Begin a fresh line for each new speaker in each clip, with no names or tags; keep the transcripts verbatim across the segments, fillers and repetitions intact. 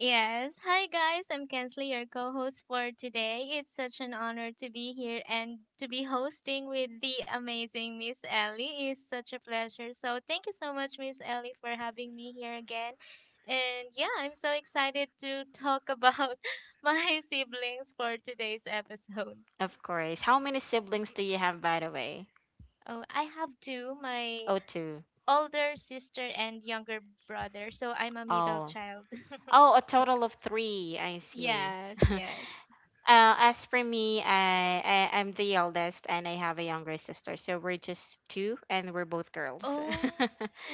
Yes. Hi, guys. I'm Kensley, your co host for today. It's such an honor to be here and to be hosting with the amazing Miss Ellie is such a pleasure. So, thank you so much, Miss Ellie, for having me here again. And yeah, I'm so excited to talk about my siblings for today's episode. Oh, I have two, my older sister and younger brother. So, I'm a middle child. Yes, yes. Oh,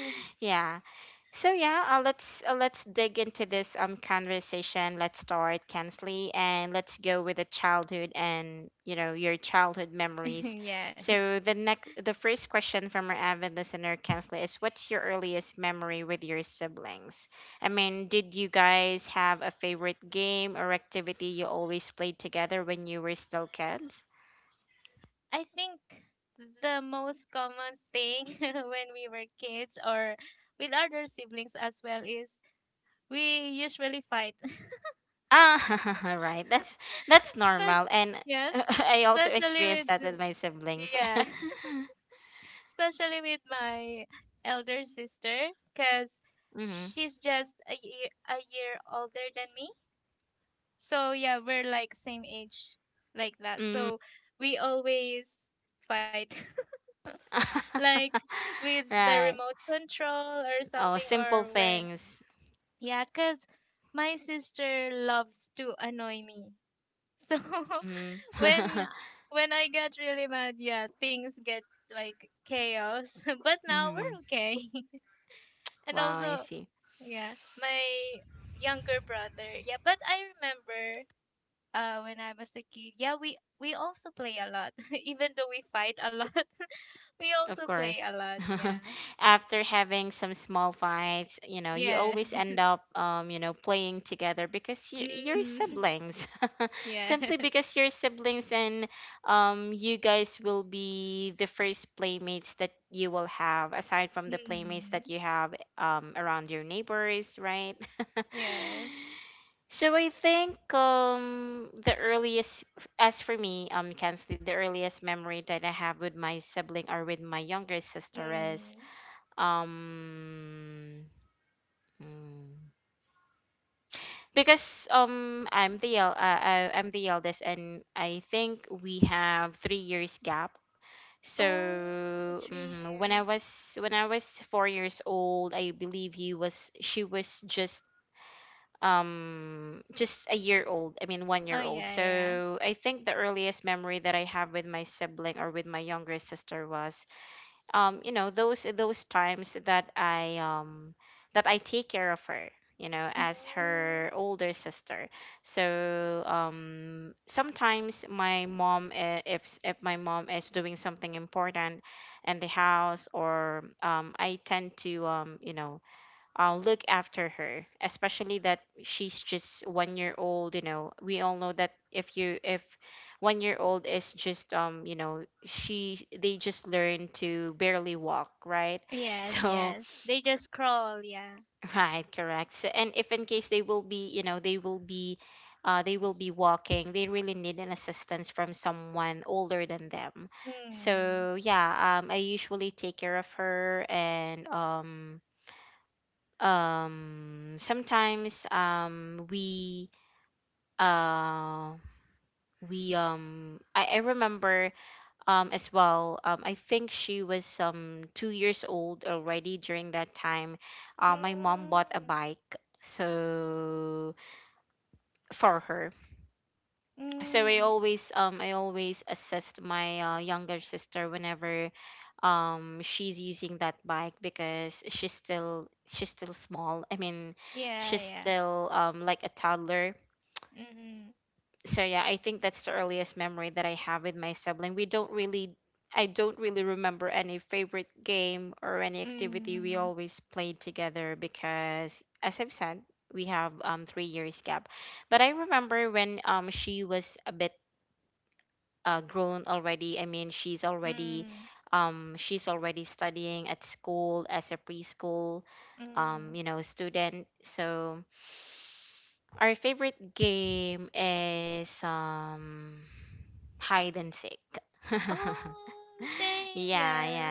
yes. I think the most common thing when we were kids or with other siblings as well is we usually fight. Especially, yes, especially with yeah, especially with my elder sister cuz she's just a year a year older than me. So yeah, we're like same age like that. So we always fight. Like with the remote control or something or when yeah cuz my sister loves to annoy me so when when i get really mad, yeah, things get like chaos. But now we're okay. And also yeah my younger brother, yeah, but i remember uh when i was a kid, yeah, we we also play a lot. Even though we fight a lot, we also play a lot, yeah, yeah. Mm. Yes. Mm. Yes. Mm. Oh, three years. Oh yeah, yeah. Mm. Yes, yes. They just crawl, yeah. Mm. Mm. Mm. Yeah, yeah. Mm. Mm. Mm. Mm. Oh, same, yeah.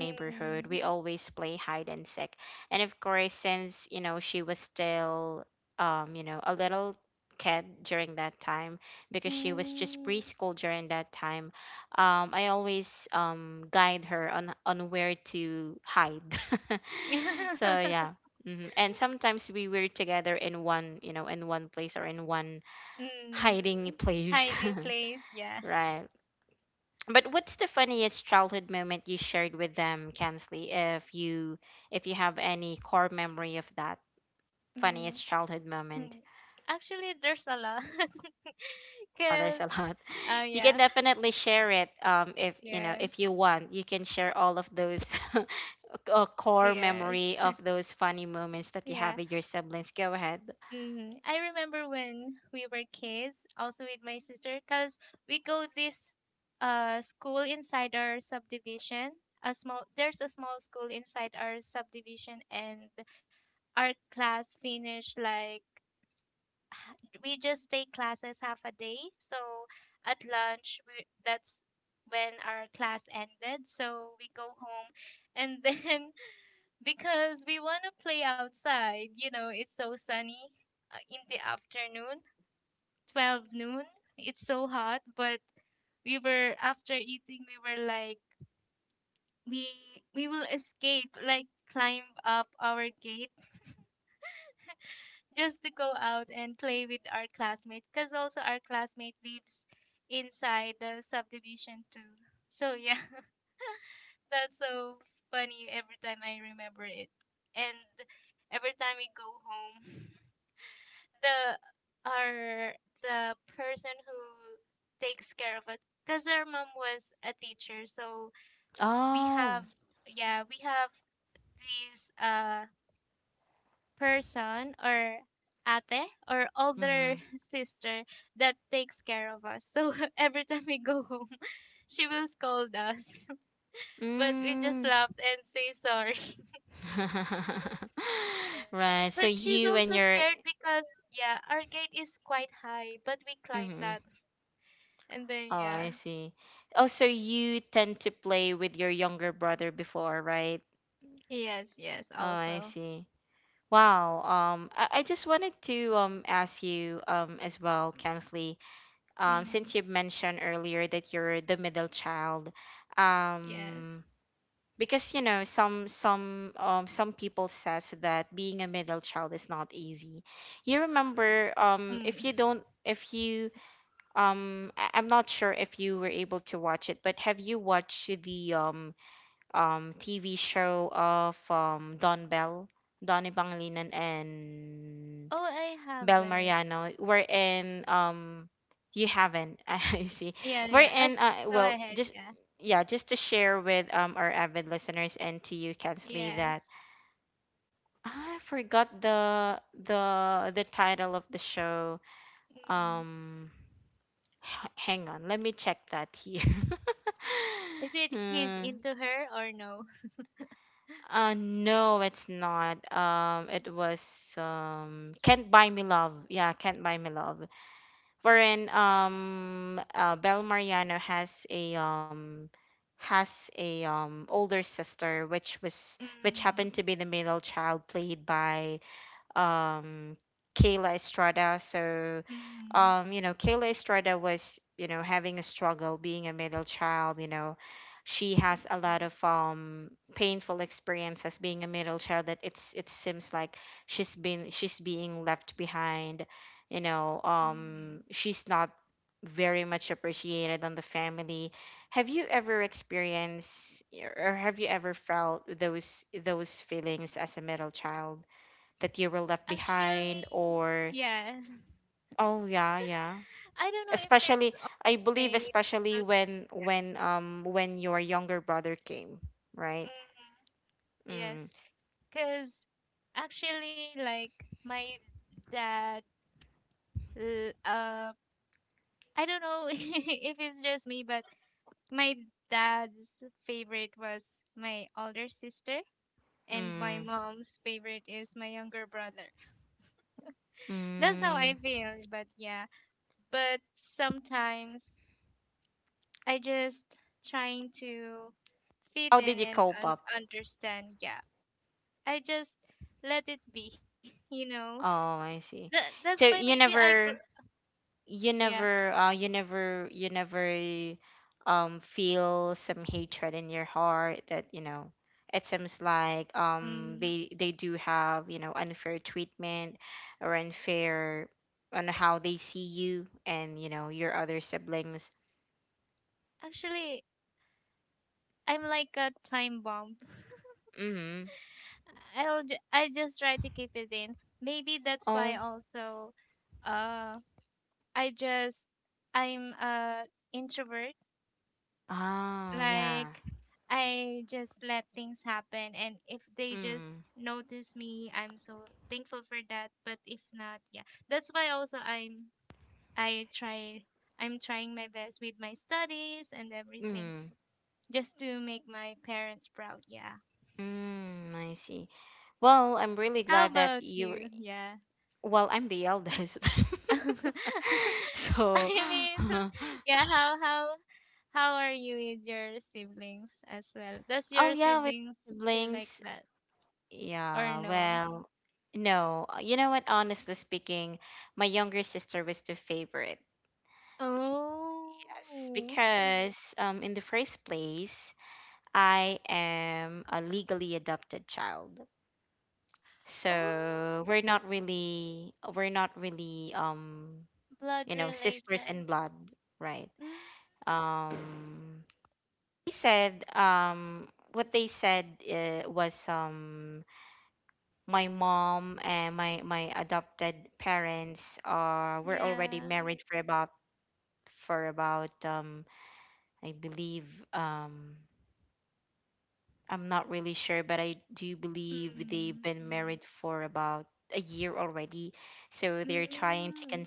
Mm. Mm. Mm, hiding place, yeah. Mm, hmm. Actually, there's a lot. Because, uh, yeah, yes, yes, yeah. Mm, I remember when we were kids, also with my sister, because we go this uh school inside our subdivision. A small, there's a small school inside our subdivision, and our class finished like we just take classes half a day. So at lunch, we, that's when our class ended. So we go home, and then because we want to play outside, you know, it's so sunny uh, in the afternoon, twelve noon. It's so hot, but we were after eating, we were like, we we will escape, like climb up our gate. Just to go out and play with our classmates because also our classmate lives inside the subdivision too. So yeah, that's so funny every time I remember it. And every time we go home, the our the person who takes care of us because her mom was a teacher, so we have yeah, we have these uh person or ate or older sister that takes care of us. So every time we go home, she will scold us. But we just laughed and say sorry. But, but she's also scared because, yeah, our gate is quite high, but we climbed that. And then, yeah. Yes, yes, also. Mm, yes. Mm. Oh, I haven't. Yeah, yeah. As, go ahead, yeah. Yes. Mm. Is it he's into her or no? Mm, mm, mm, mm. Actually, yes. I don't know if it's all the same. If you know Ch- Mm, yes, because actually, like my dad, l- uh, I don't know if it's just me, but my dad's favorite was my older sister. And my mom's favorite is my younger brother. That's how I feel, but yeah. But sometimes I just trying to fit in and un- understand. Yeah. I just let it be, you know. That that's why maybe I grew yeah. Um Actually I'm like a time bomb. I'll ju- I just try to keep it in. Maybe that's why also uh I just I'm a introvert. Like I just let things happen and if they just notice me, I'm so thankful for that. But if not, yeah. That's why also I'm I try I'm trying my best with my studies and everything just to make my parents proud. Yeah. How about you? Yeah. I mean, yeah, how how how are you with your siblings as well? Does your siblings feel like that or no? Oh. Oh. Blood related. Mm, yeah. Mm. Mm.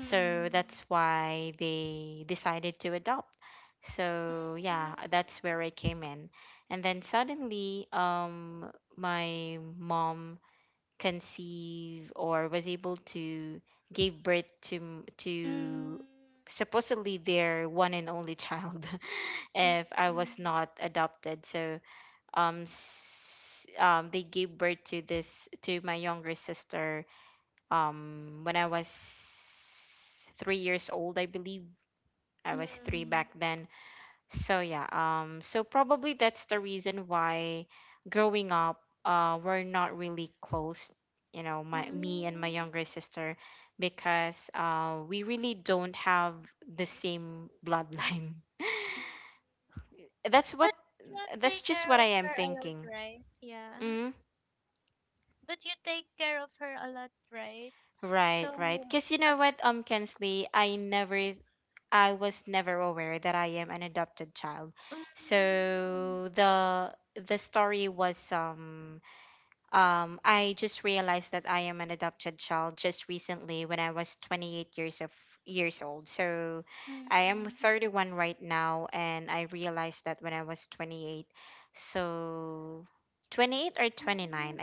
Mm. Mm. Mm. Mm. Mm. Mm. But you take care of her a lot, right? Yeah. But you take care of her a lot, right? So, mm, mm, mm, Mm,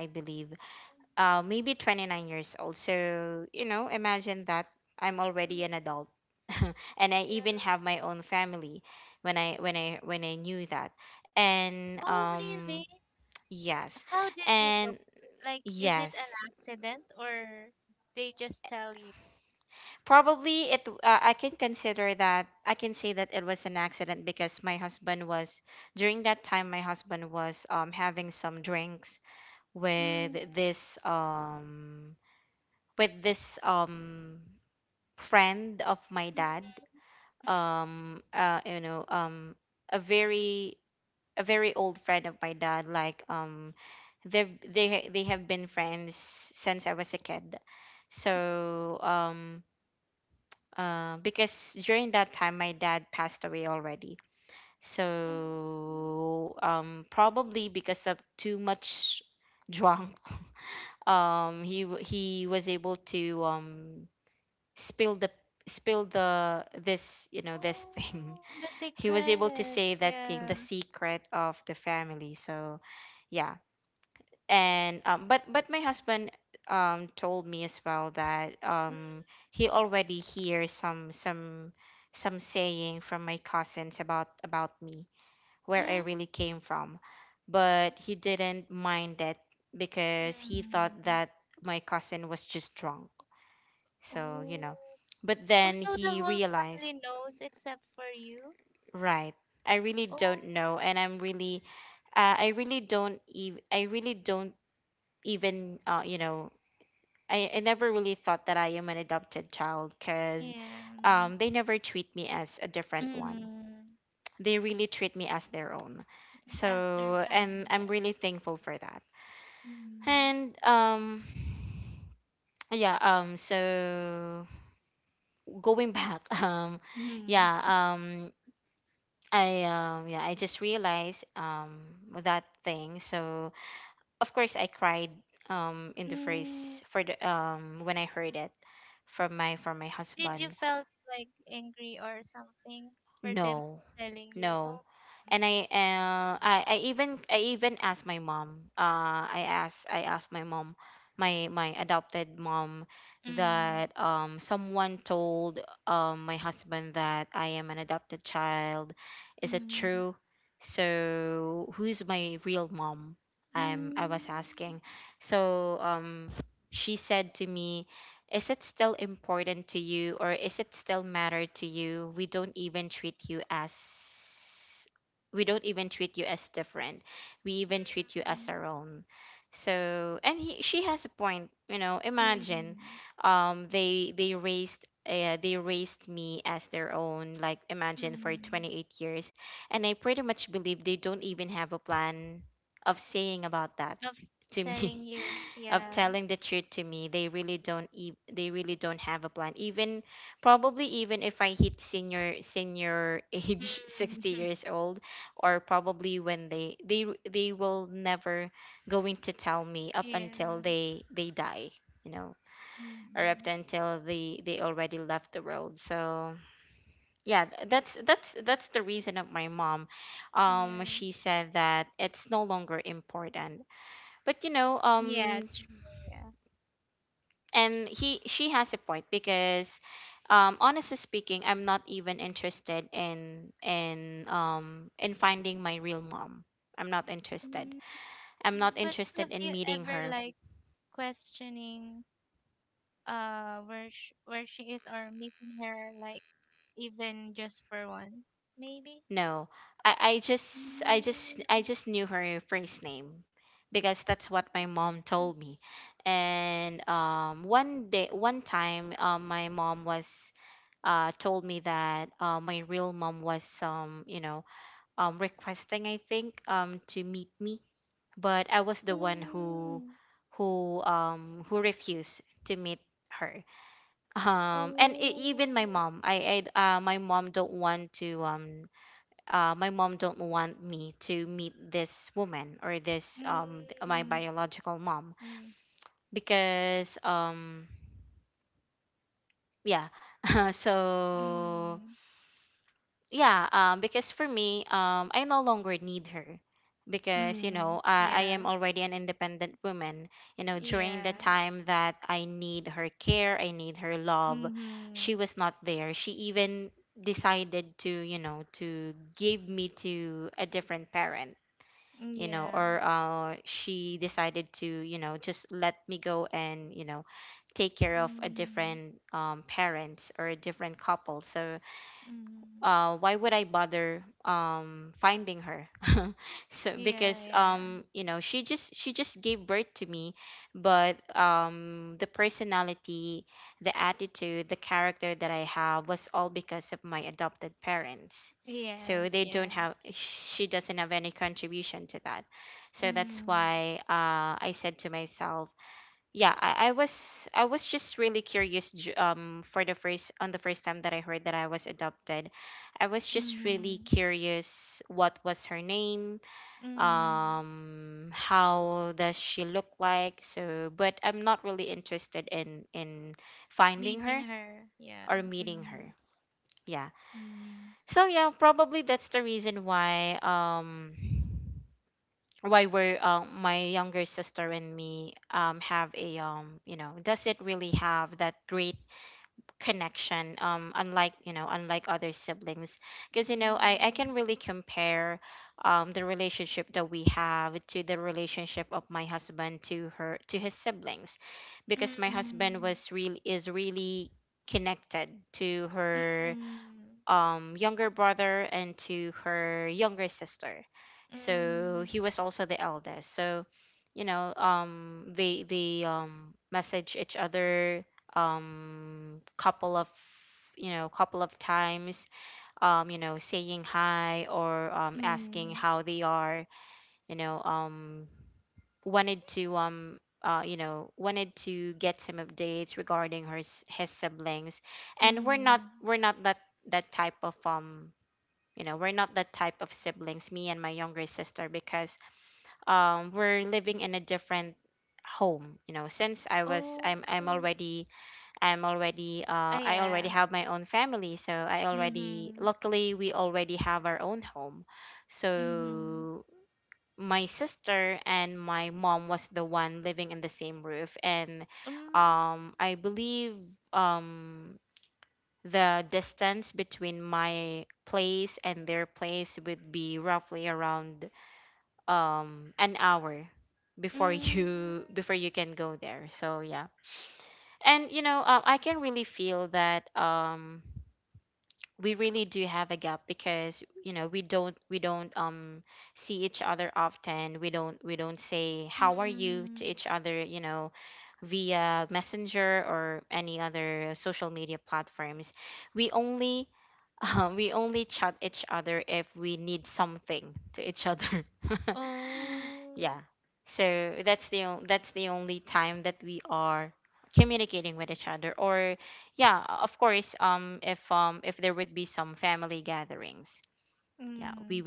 yeah. Oh, really? How did you know? Like, is it an accident or they just tell you? Mm, mm, mm, mm. Oh, the secret. Yeah. Mm, mm, mm. Oh. Oh, so the whole family knows except for you? Oh, yeah. Mm. As their family, yeah. Mm. Mm. Mm. Did you felt like angry or something for them telling you? Oh, mm, mm, mm, mm, mm, mm, mm, of telling you, yeah, mm, yeah, mm, yeah, yeah, true, yeah. Mm, but have you ever like questioning uh where sh- where she is or meeting her like even just for once, maybe? Ừm. Ừm. Ồ! Ừm, ừm, ừm, ừm, yeah, yeah, mhm, yeah, ừm, mhm, yeah, yeah, yes, yes, ừm, mhm, mhm, meeting her, yeah, mhm, mhm, ừm, ừm, ừm, ừm, ừm. Mhm. Oh, ah, yeah. Mhm. Mhm. Mm. Mm. Mm. Oh. Mm.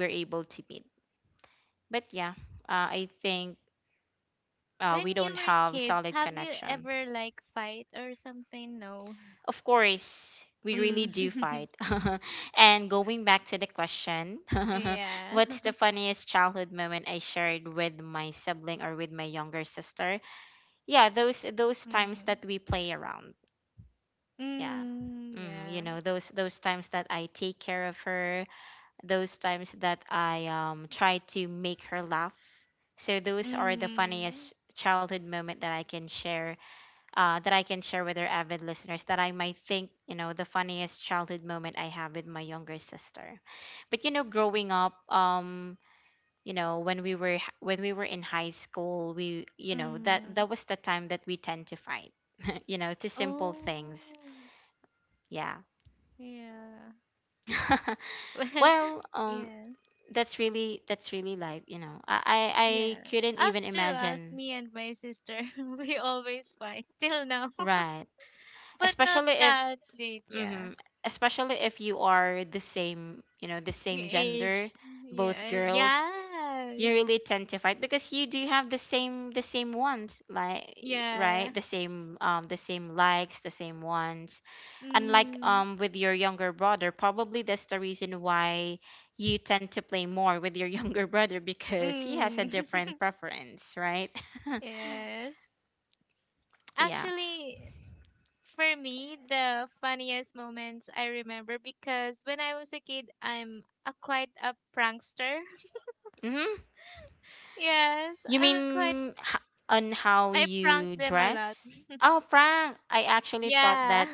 When you were kids, have you ever like fight or something? No. Mm. Yeah. Mm. Mm. Yeah. Mm. Mm. Oh. Yeah. Well, yeah. Yeah. Us too, us, me and my sister, we always fight till now. But not that late, yeah. Age. Yeah. Yes. Yeah. Mm-hmm. Mm. Yes. Actually, for me, the funniest moments I remember because when I was a kid, I'm a quite a prankster. Yes, I'm a quite. I pranked them a lot. Yeah.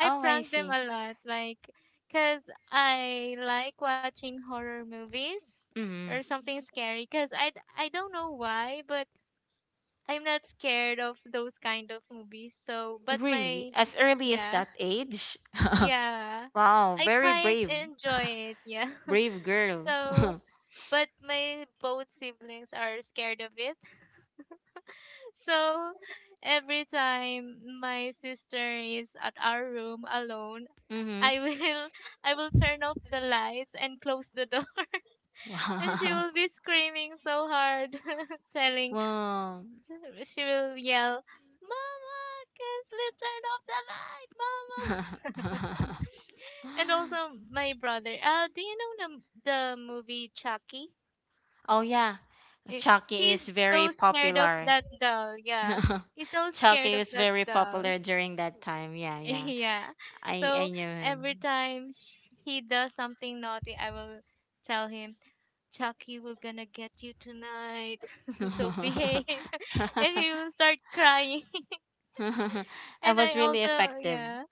I prank them a lot, like, cause I like watching horror movies or something scary. Cause I d- I don't know why, but I'm not scared of those kind of movies. So, but my, yeah, yeah, I quite enjoy it. Yeah. So, but my both siblings are scared of it. So every time my sister is at our room alone, I will I will turn off the lights and close the door. And she will be screaming so hard, telling she will yell, Mama can't sleep turn off the light, Mama. And also my brother uh do you know the, the movie Chucky? Eh, he's so scared of that doll, yeah, he's so scared of that doll. Yeah. So every time sh- he does something naughty, I will tell him, Chucky, we're gonna get you tonight. So behave. And he will start crying. And I also, yeah.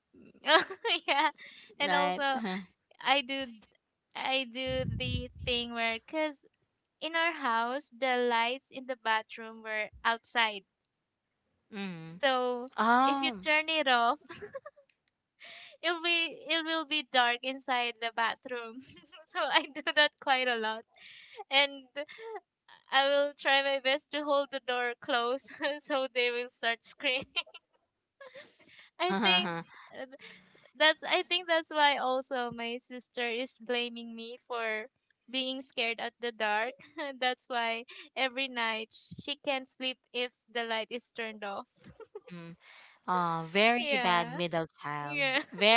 Yeah. And also, I do I do the thing where cuz in our house the lights in the bathroom were outside. So if you turn it off it'll be it will be dark inside the bathroom. So I do that quite a lot. And I will try my best to hold the door closed so they will start screaming. I think uh, that's I think that's why also my sister is blaming me for being scared at the dark. That's why every night she can't sleep if the light is turned off. Yeah. Yeah.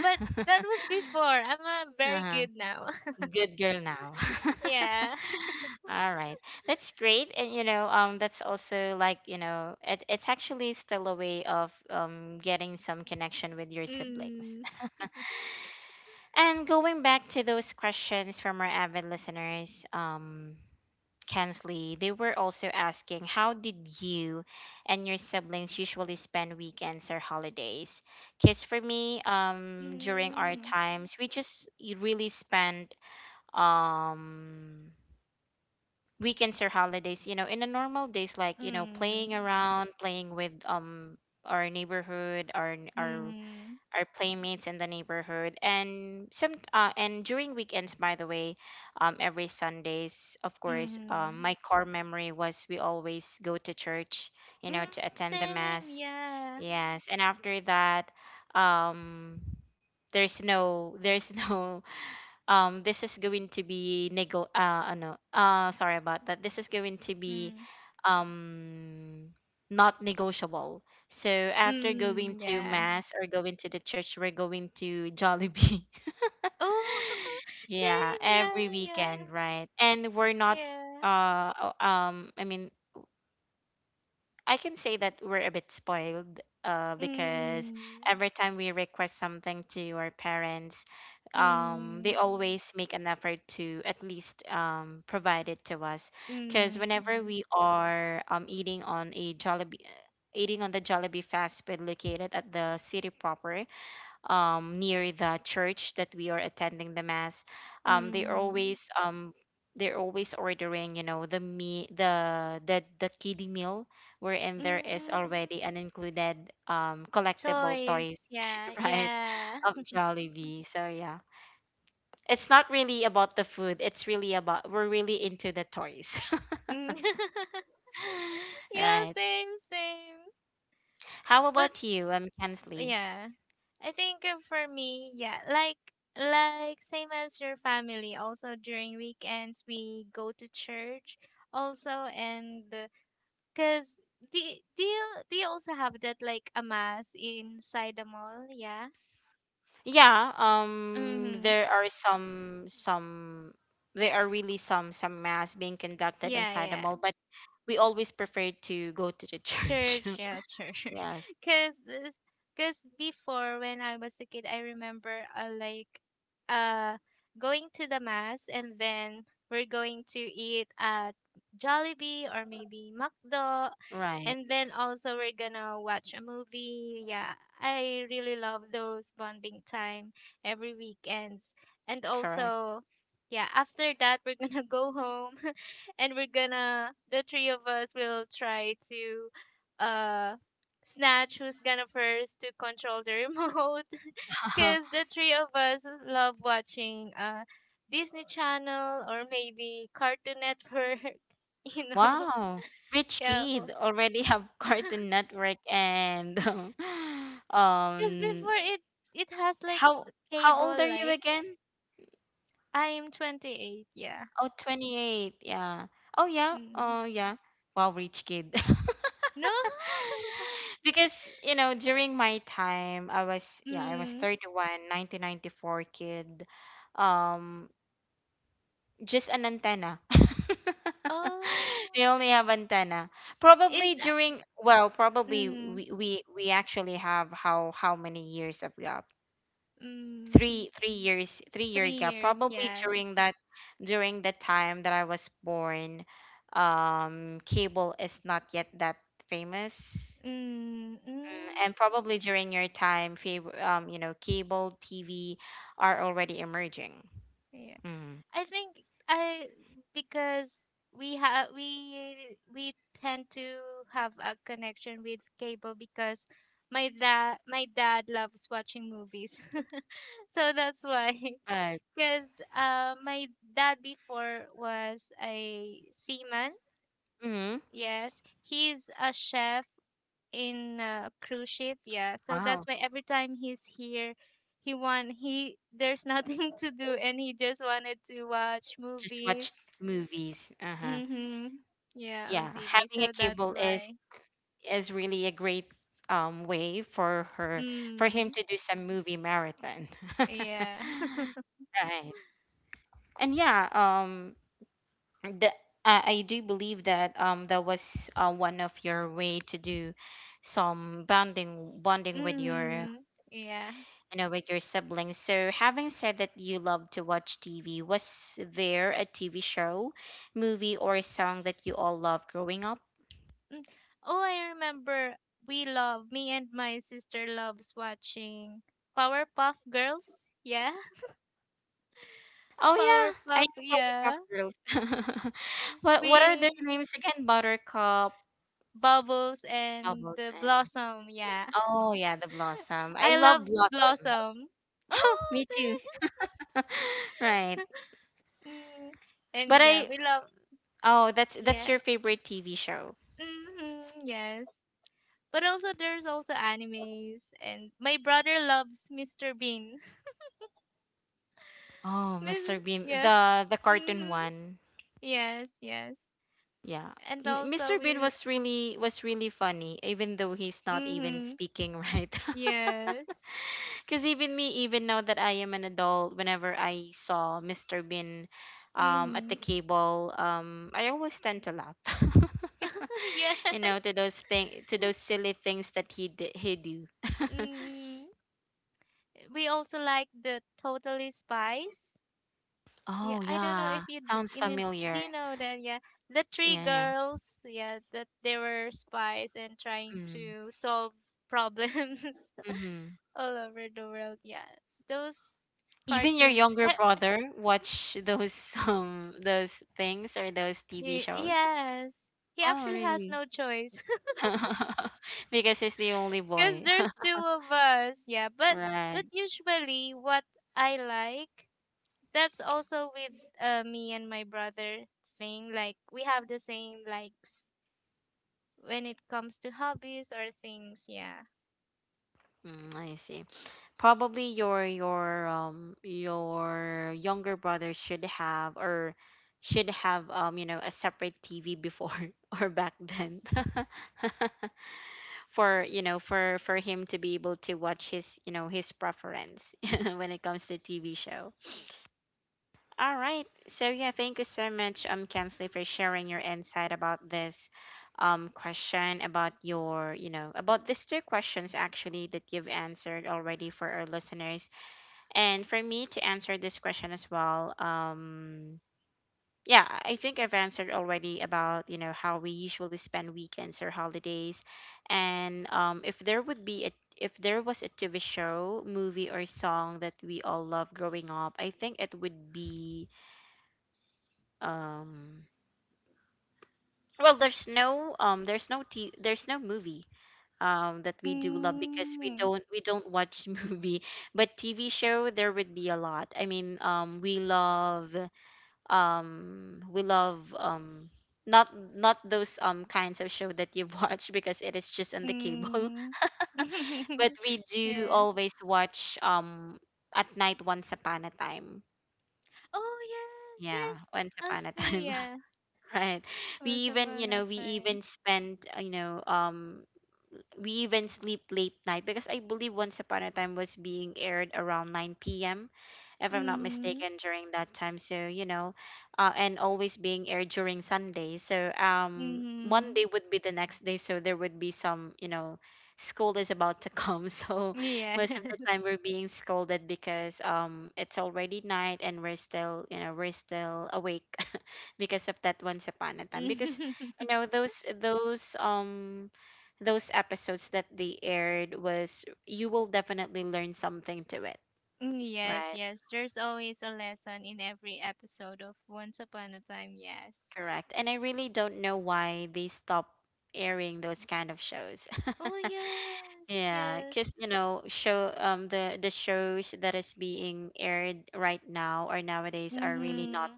But that was before. I'm a very good now. Yeah. Hmm. Mm. Mm. Mhm. Mhm. Mm, same, yeah. Mm. Mm, yeah. Oh, same, yeah, yeah, yeah. Mm. Mm. Mm. Mm. Mm. Toys, yeah, yeah. Mm. Yeah, same, same. But yeah i think uh, for me yeah like like same as your family also during weekends we go to church also and because do, y- do you do you also have that like a mass inside the mall yeah mm-hmm yeah yeah. Church, yeah, church. Cause, this- cause before when I was a kid, I remember uh, like, uh, going to the mass and then we're going to eat at Jollibee or maybe McDo, and then also we're gonna watch a movie. Yeah, I really love those bonding time every weekends, and also. Yeah, after that we're gonna go home and we're gonna the three of us will try to uh snatch who's gonna first to control the remote. Because the three of us love watching uh Disney Channel or maybe Cartoon Network, you know. Yeah. Because before it it has like cable like I am twenty-eight, yeah. Mm. No. Mm. Oh. Is that mm, mm, three years, yes. Mm, mm, yeah. I think I because we have we we tend to have a connection with cable because my dad my dad loves watching movies. So that's why because uh my dad before was a seaman. Yes, he's a chef in a cruise ship. Yeah, so that's why every time he's here, he want he there's nothing to do and he just wanted to watch movies. Mhm. Yeah, on T V. So that's why. Mm. Yeah. Mm. Yeah. Mm. Oh, I remember. We love me and my sister loves watching Powerpuff Girls. Yeah, Powerpuff. Yeah, we Bubbles and the Blossom. Yeah. I love Blossom. Oh, Mm, and yeah, we love yes, mm-hmm, yes. But also, there's also animes, and my brother loves mister Bean. Miss, yeah, mm-hmm, yes, yes. And also, we, l- mm-hmm, yes, mm-hmm, yeah. Mm, we also like the Totally Spies. Yeah, I don't know if you d- in an- do you know that, yeah, the three girls, yeah, that they were spies and trying to solve problems all over the world. Yeah. Those cartoons. eh, y- yes. He actually has no choice cuz there's two of us. Yeah, but but usually what I like, that's also with uh, me and my brother, thing like we have the same likes when it comes to hobbies or things. Yeah. Mm. Mm. yeah. Oh yes, yes. Us too, yeah. Once upon a time. Mm. Mm. Yeah. Mm, yes, yes. There's always a lesson in every episode of Once Upon a Time, yes. Oh yes, yes. hmm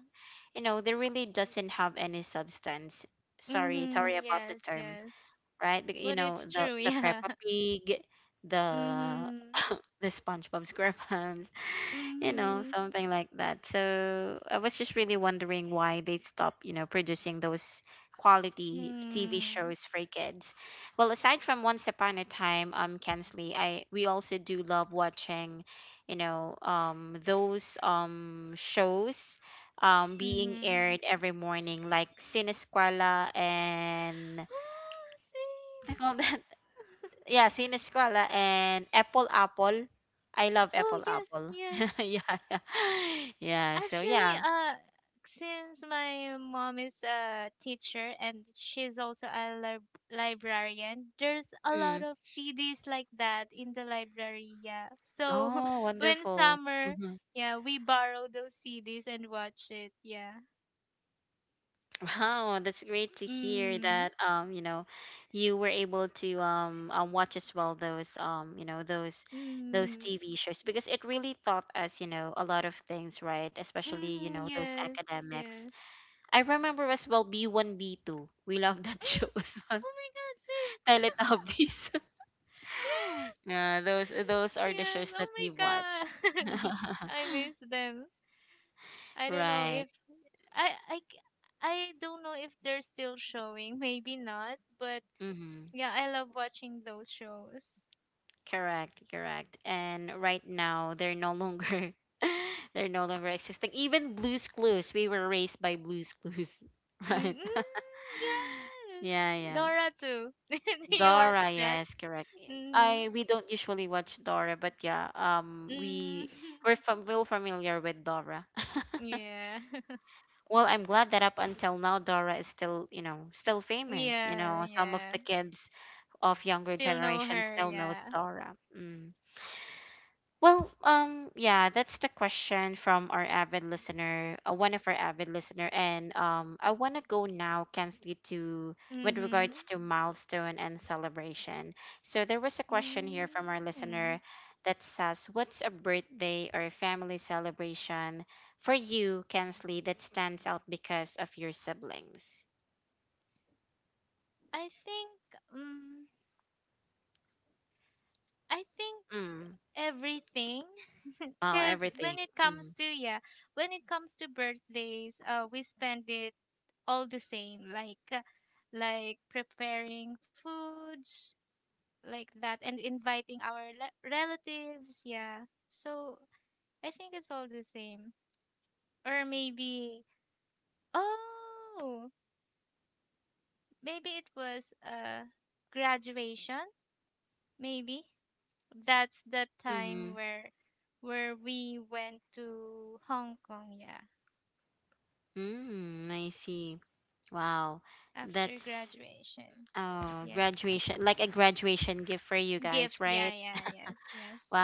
hmm, yes, yes. But it's true, yeah. Mm Mhm. Mm Mhm. Mm. Mhm. Ah, same. Oh, yes, yes. Actually, uh, since my mom is a teacher and she's also a lib- librarian, there's a lot of C Ds like that in the library, yeah. So when summer, yeah, we borrow those C Ds and watch it, yeah. Mm. Mm. Mm, yes, yes. Mm, oh my god, same. Yes. Yes. Oh my god. I miss them. I don't know if I I c- I don't know if they're still showing. Maybe not, but yeah, I love watching those shows. Mm, yes. Dora too. Do you watch that? Mm, mm. Yeah. Yeah, yeah. Still know her, yeah. Mm-hmm. Mm, I think um I think everything, because when it comes to, yeah, when it comes to birthdays, uh we spend it all the same, like uh, like preparing foods like that and inviting our le- relatives, yeah, so I think it's all the same, or maybe, oh, maybe it was uh graduation, maybe. That's the time where where we went to Hong Kong, yeah, after graduation. Yes. Gift, yeah, yeah, yes, yes.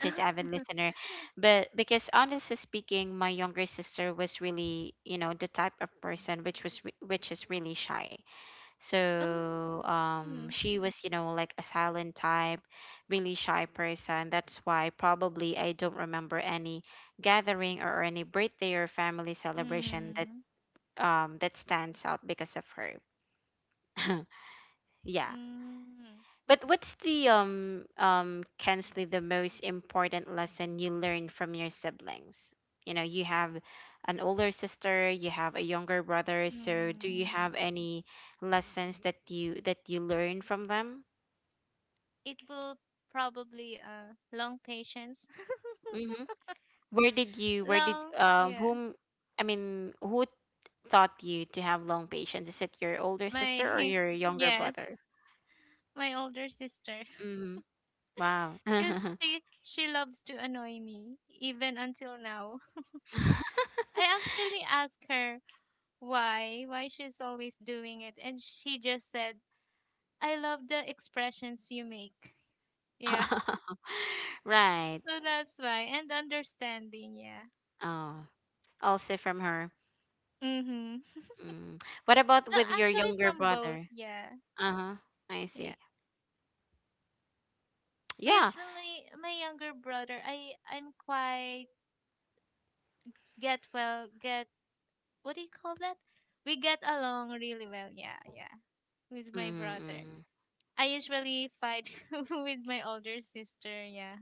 Um, mm, mm, mm. It will probably uh long patience. long, yeah. My yes, my older sister. Because she she loves to annoy me even until now. I actually asked her why, why she's always doing it, and she just said, "I love the expressions you make." Yeah, so that's why, and understanding. Yeah. Mm-hmm. Uh, actually, from both. Yeah, yeah. With my my younger brother, I I'm quite get well get what do you call that? We get along really well. Yeah, yeah. With my brother, I usually fight with my older sister. Yeah.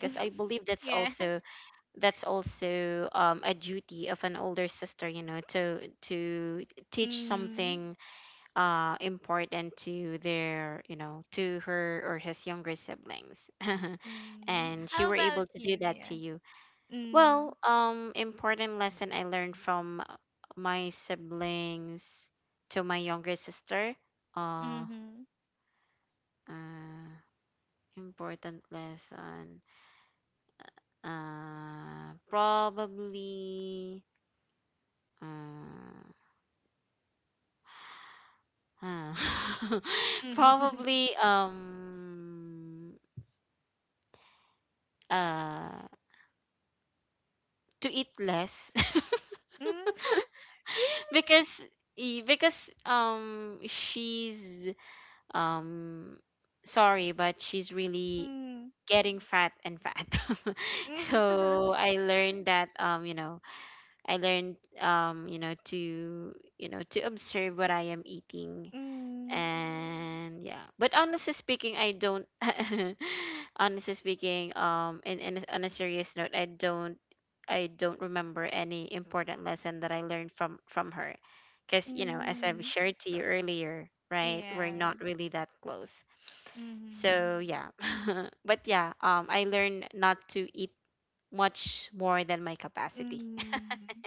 yes. Mm, mm. How about you? Yeah. Mm, mm-hmm. Mm. Mm. Really? Mm. Mm. Mm. Yeah. Mm. Mm.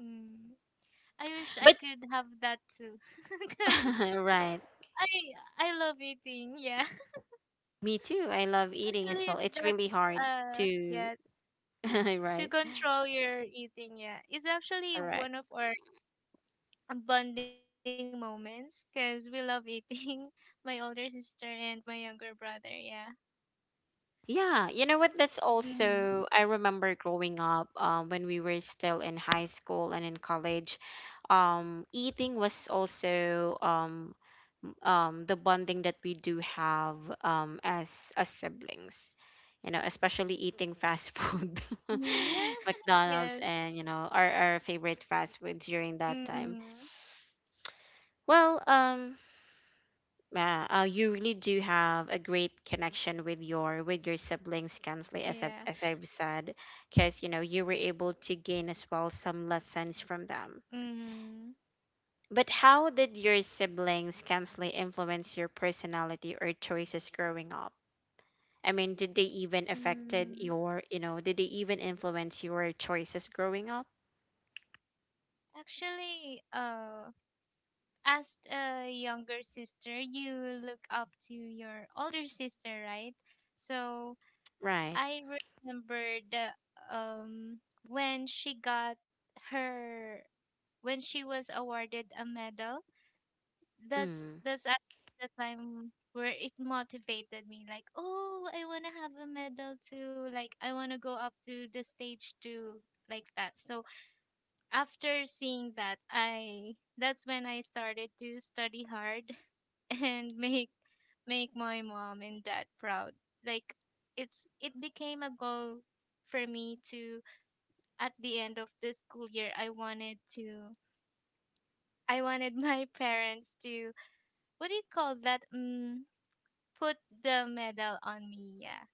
Mm. I wish I could have that too. Because I I love eating. Yeah. Actually, that's uh yeah, to control your eating, yeah. It's actually one of our bonding moments because we love eating. My older sister and my younger brother. Yeah. Mm. Mm, yeah. yes. Mm. Yeah. Mm. Mm. Actually, uh, as a younger sister, you look up to your older sister, right? So I remember the um when she got her when she was awarded a medal, that's that's actually the time where it motivated me, like, oh, I want to have a medal too, like I want to go up to the stage too, like that. So after seeing that, I that's when I started to study hard, and make make my mom and dad proud, like it's it became a goal for me to, at the end of the school year, i wanted to I wanted my parents to, what do you call that? Mm, put the medal on me. Yeah.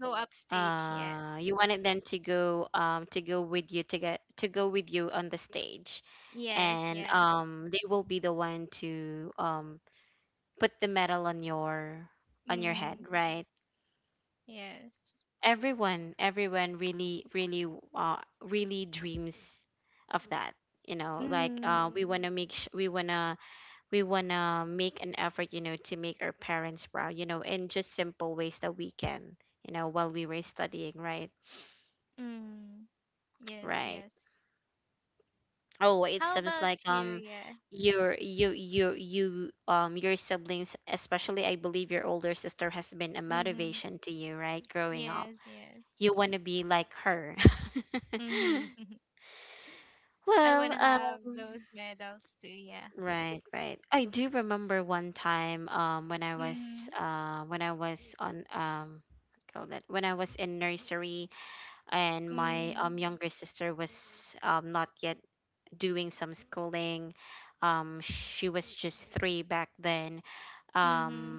Go upstage. Yes. Yes. Yes. Mm. Yes. Mm. Mm. Yes. Yes. How about you? Yeah. Mm-hmm. Yes. Yes. Mm-hmm. I wanna have those medals too. Yeah. Mm-hmm. Mm. Mm-hmm.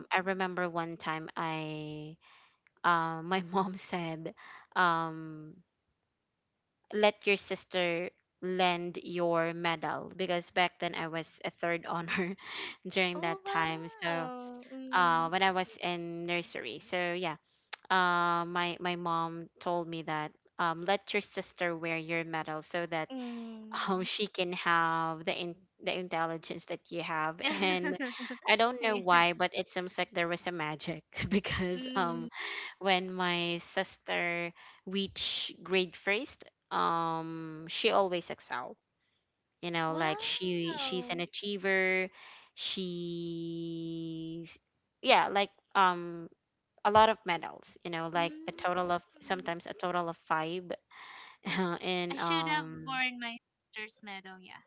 Oh wow. Mm. Mm. yeah. Mm. Wow. Mm, I should have worn my sister's medal, yeah.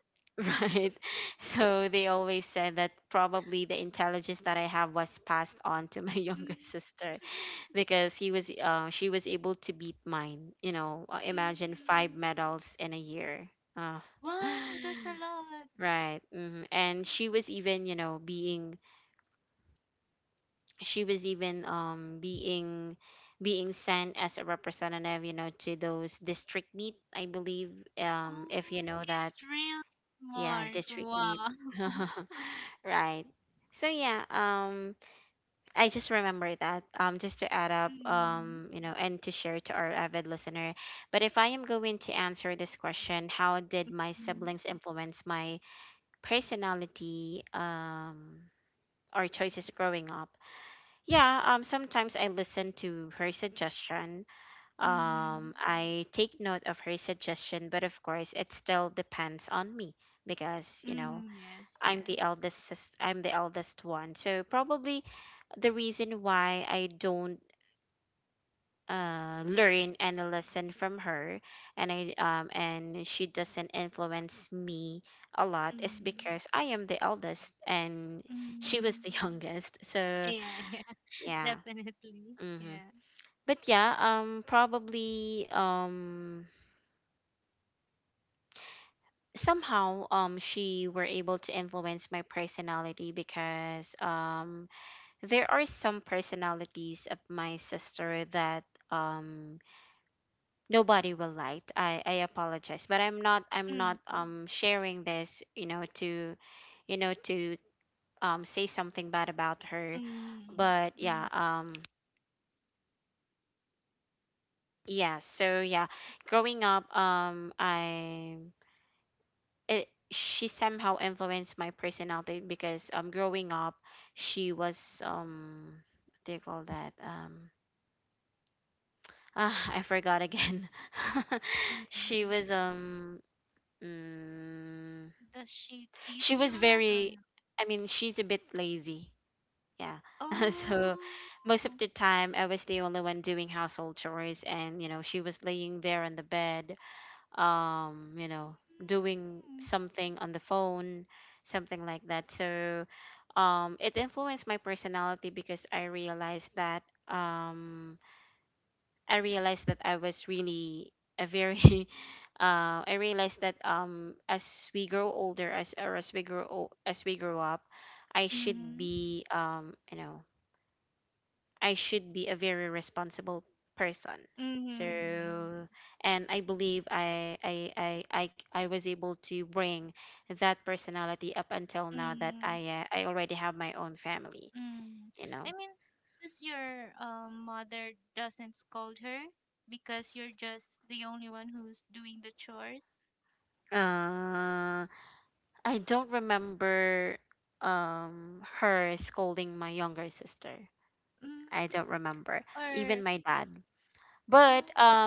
Mm, mm. Wow, that's a lot. Mm, Oh, she's real smart. Wow. Mm, mm, mm, mm, yes, yes. Mm, mm. Yeah, yeah, definitely. Yeah. Mm, mm, mm, mm. Does she tease you a lot or not? Oh. Mm-hmm. Mm-hmm. Mm-hmm. Mm-hmm. I mean, does your um, mother doesn't scold her because you're just the only one who's doing the chores? Mm, or the, oh,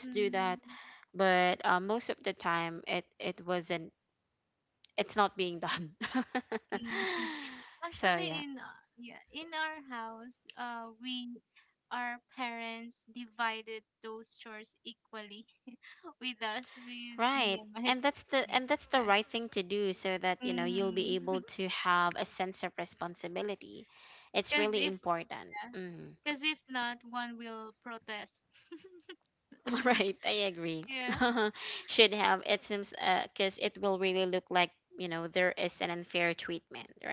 mm, mm. Actually, in uh, yeah, in our house, uh, we our parents divided those chores equally with us, with me and my like, yeah. Mm-hmm. Cause if, yeah, cause if not, one will protest. yeah.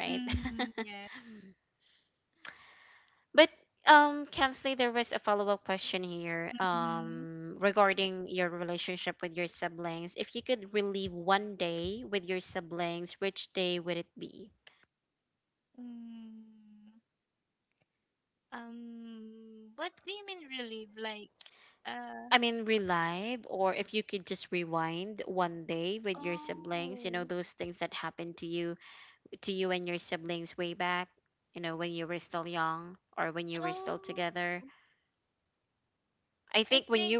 Mm-hmm. Yeah. Mm-hmm. mm. Um, what do you mean relieve? Like, uh, oh, oh, I think,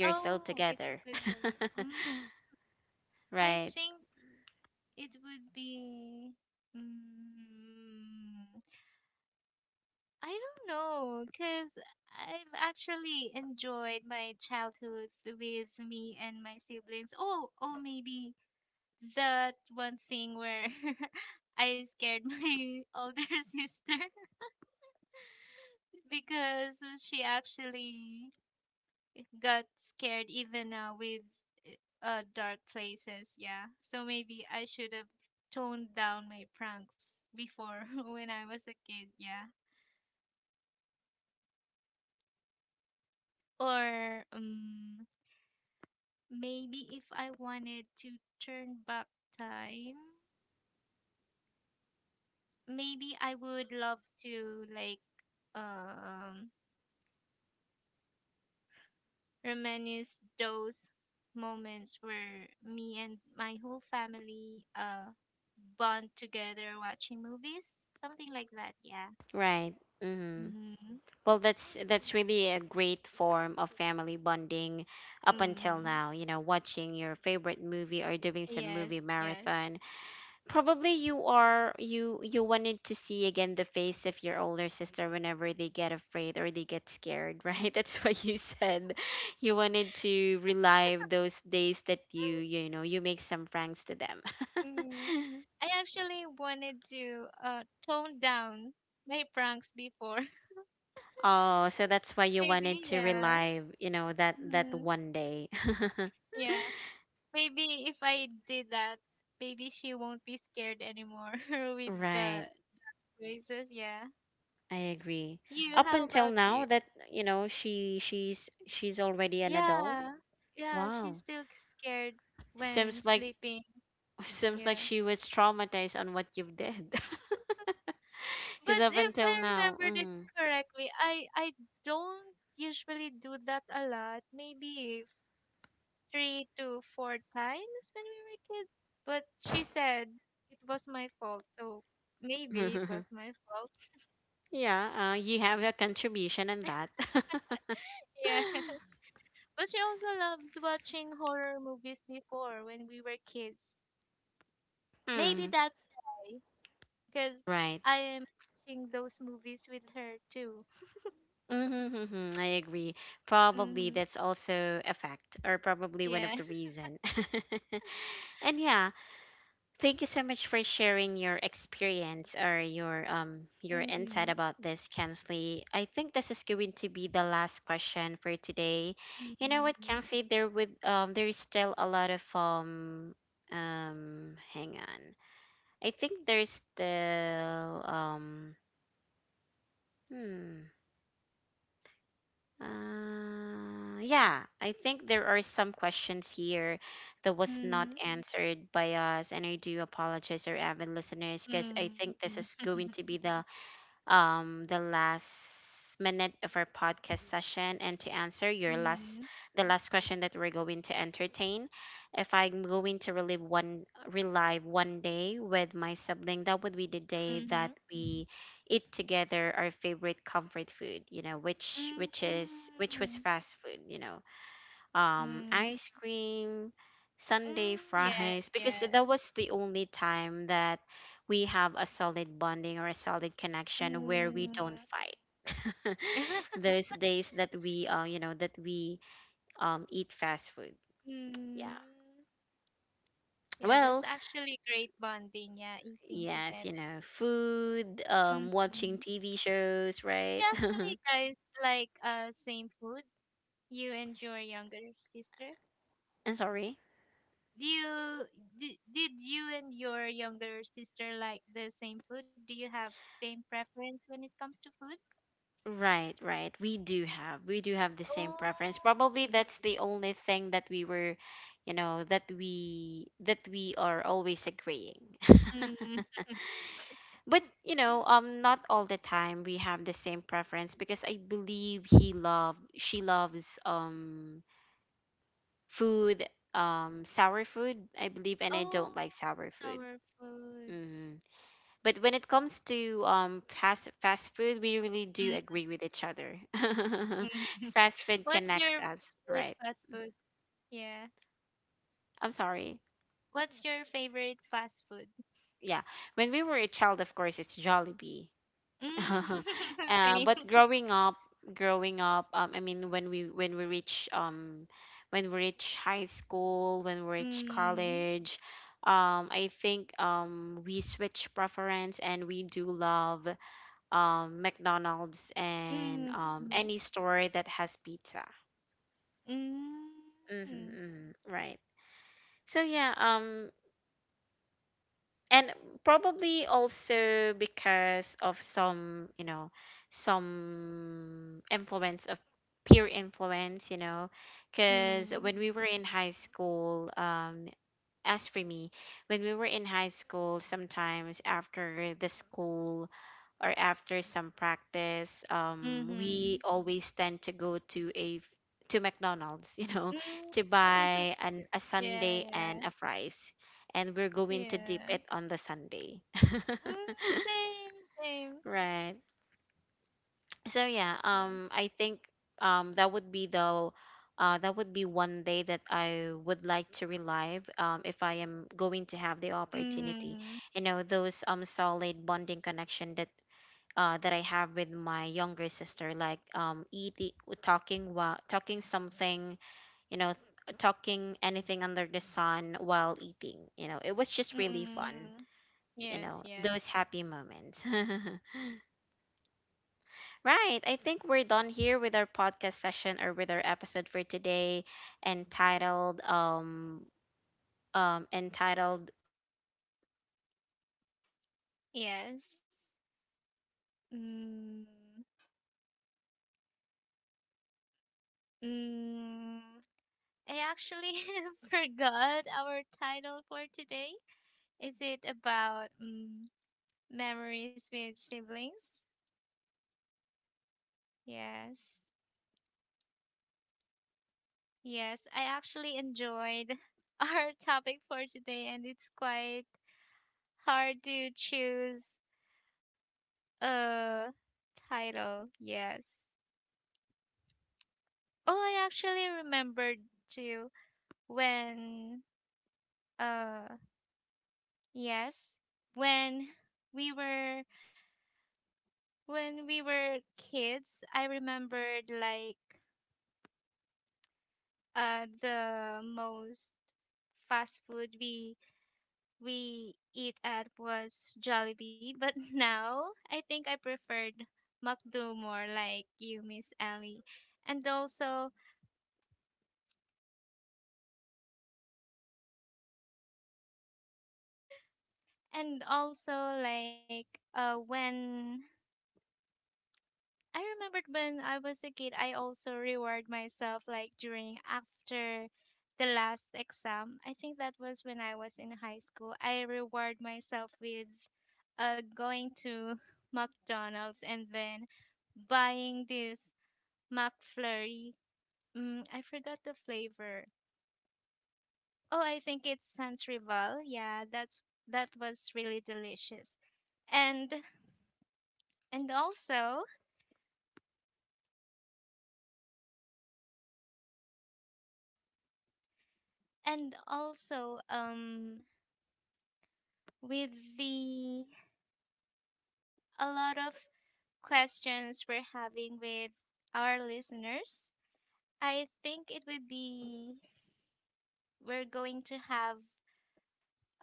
oh, if you could relive, um, I think it would be, mm I don't know, because I've actually enjoyed my childhood with me and my siblings. Oh, oh, maybe that one thing where I scared my older sister because she actually got scared even now with uh, dark places. Yeah, so maybe I should have toned down my pranks before when I was a kid. Yeah, or um, maybe if I wanted to turn back time, maybe I would love to, like, um reminisce those moments where me and my whole family uh bond together watching movies, something like that. Yeah. Mm-hmm. Mm. Yes. Yes. Mm. I actually wanted to uh tone down my pranks before. maybe. Yeah. Mm. Yeah, maybe if I did that, maybe she won't be scared anymore with the voices. Yeah. You, how about you? Yeah. Yeah, she's still scared when sleeping. Yeah. But if I remembered it correctly, I I don't usually do that a lot. Maybe three to four times when we were kids. But she said it was my fault, so maybe it was my fault. Yes. But she also loves watching horror movies before, when we were kids. Maybe that's why, because I am watching those movies with her too. Mm, yeah. Mm, mm, mm, mm, mm, mhm, mm, mm, mm, yes, yes. Mm. mm. Yeah, that's actually great bonding. Yeah, eating together. Mm. You actually, guys, like uh same food? You and your younger sister? Do you did, did you and your younger sister like the same food? Do you have same preference when it comes to food? Oh, mm. oh, sour foods. Mm. What's your favorite fast food? Yeah. What's your favorite fast food? Mm. Same. Mm. Mm. Mm. Mm. Mhm. Mm. Yeah, yeah. Yeah. Mm, same, same. Yeah. Mhm. Mm. Yes, yes. Yes. Mm. Mm. I actually forgot our title for today. Is it about, mm, memories with siblings? Yes. Yes, I actually enjoyed our topic for today, and it's quite hard to choose a title. Yes. Oh, I actually remembered too when uh yes, when we were when we were kids, I remembered, like, uh the most fast food we we eat at was Jollibee, but now I think I preferred McDo more, like you, Miss Ellie, and also and also like, uh when I remembered when I was a kid, I also reward myself, like during, after the last exam. I think that was when I was in high school. I reward myself with uh going to McDonald's and then buying this McFlurry. Mm, I forgot the flavor. Oh, I think it's Sans Rival. Yeah, that's that was really delicious. And and also and also um with the a lot of questions we're having with our listeners, I think it would be, we're going to have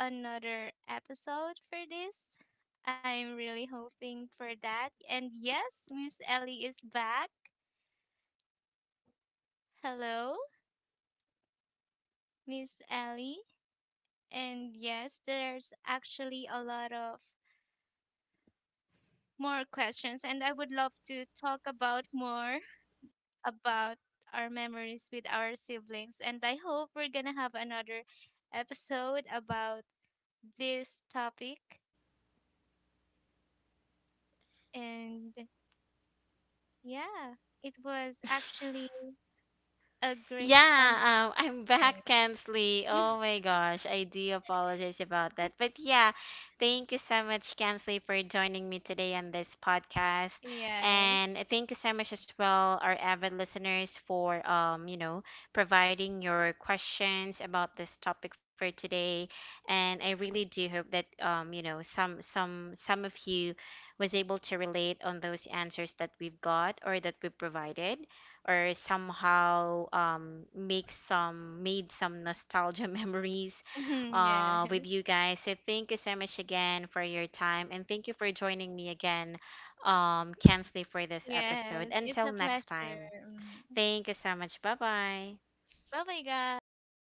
another episode for this. I'm really hoping for that. And yes, Miss Ellie is back. Hello, Miss Ellie. And yes, there's actually a lot of more questions, and I would love to talk about more about our memories with our siblings. And I hope we're gonna have another episode about this topic. And yeah, it was actually a great conversation.
Yeah, um, I'm back, Kansley. Oh my gosh, I do apologize about that. But yeah, thank you so much, Kansley, for joining me today on this podcast.
yes.
And thank you so much as well, our avid listeners, for um, you know, providing your questions about this topic for today. And I really do hope that um, you know, some some some of you was able to relate on those answers that we've got or that we provided or somehow um, make some made some nostalgia memories uh,
yes.
with you guys. So thank you so much again for your time and thank you for joining me again, um, Kensley, for this episode.
Yes. It's
Until
a
next
pleasure.
time,
Mm.
thank you so much. Bye bye.
Bye bye, guys.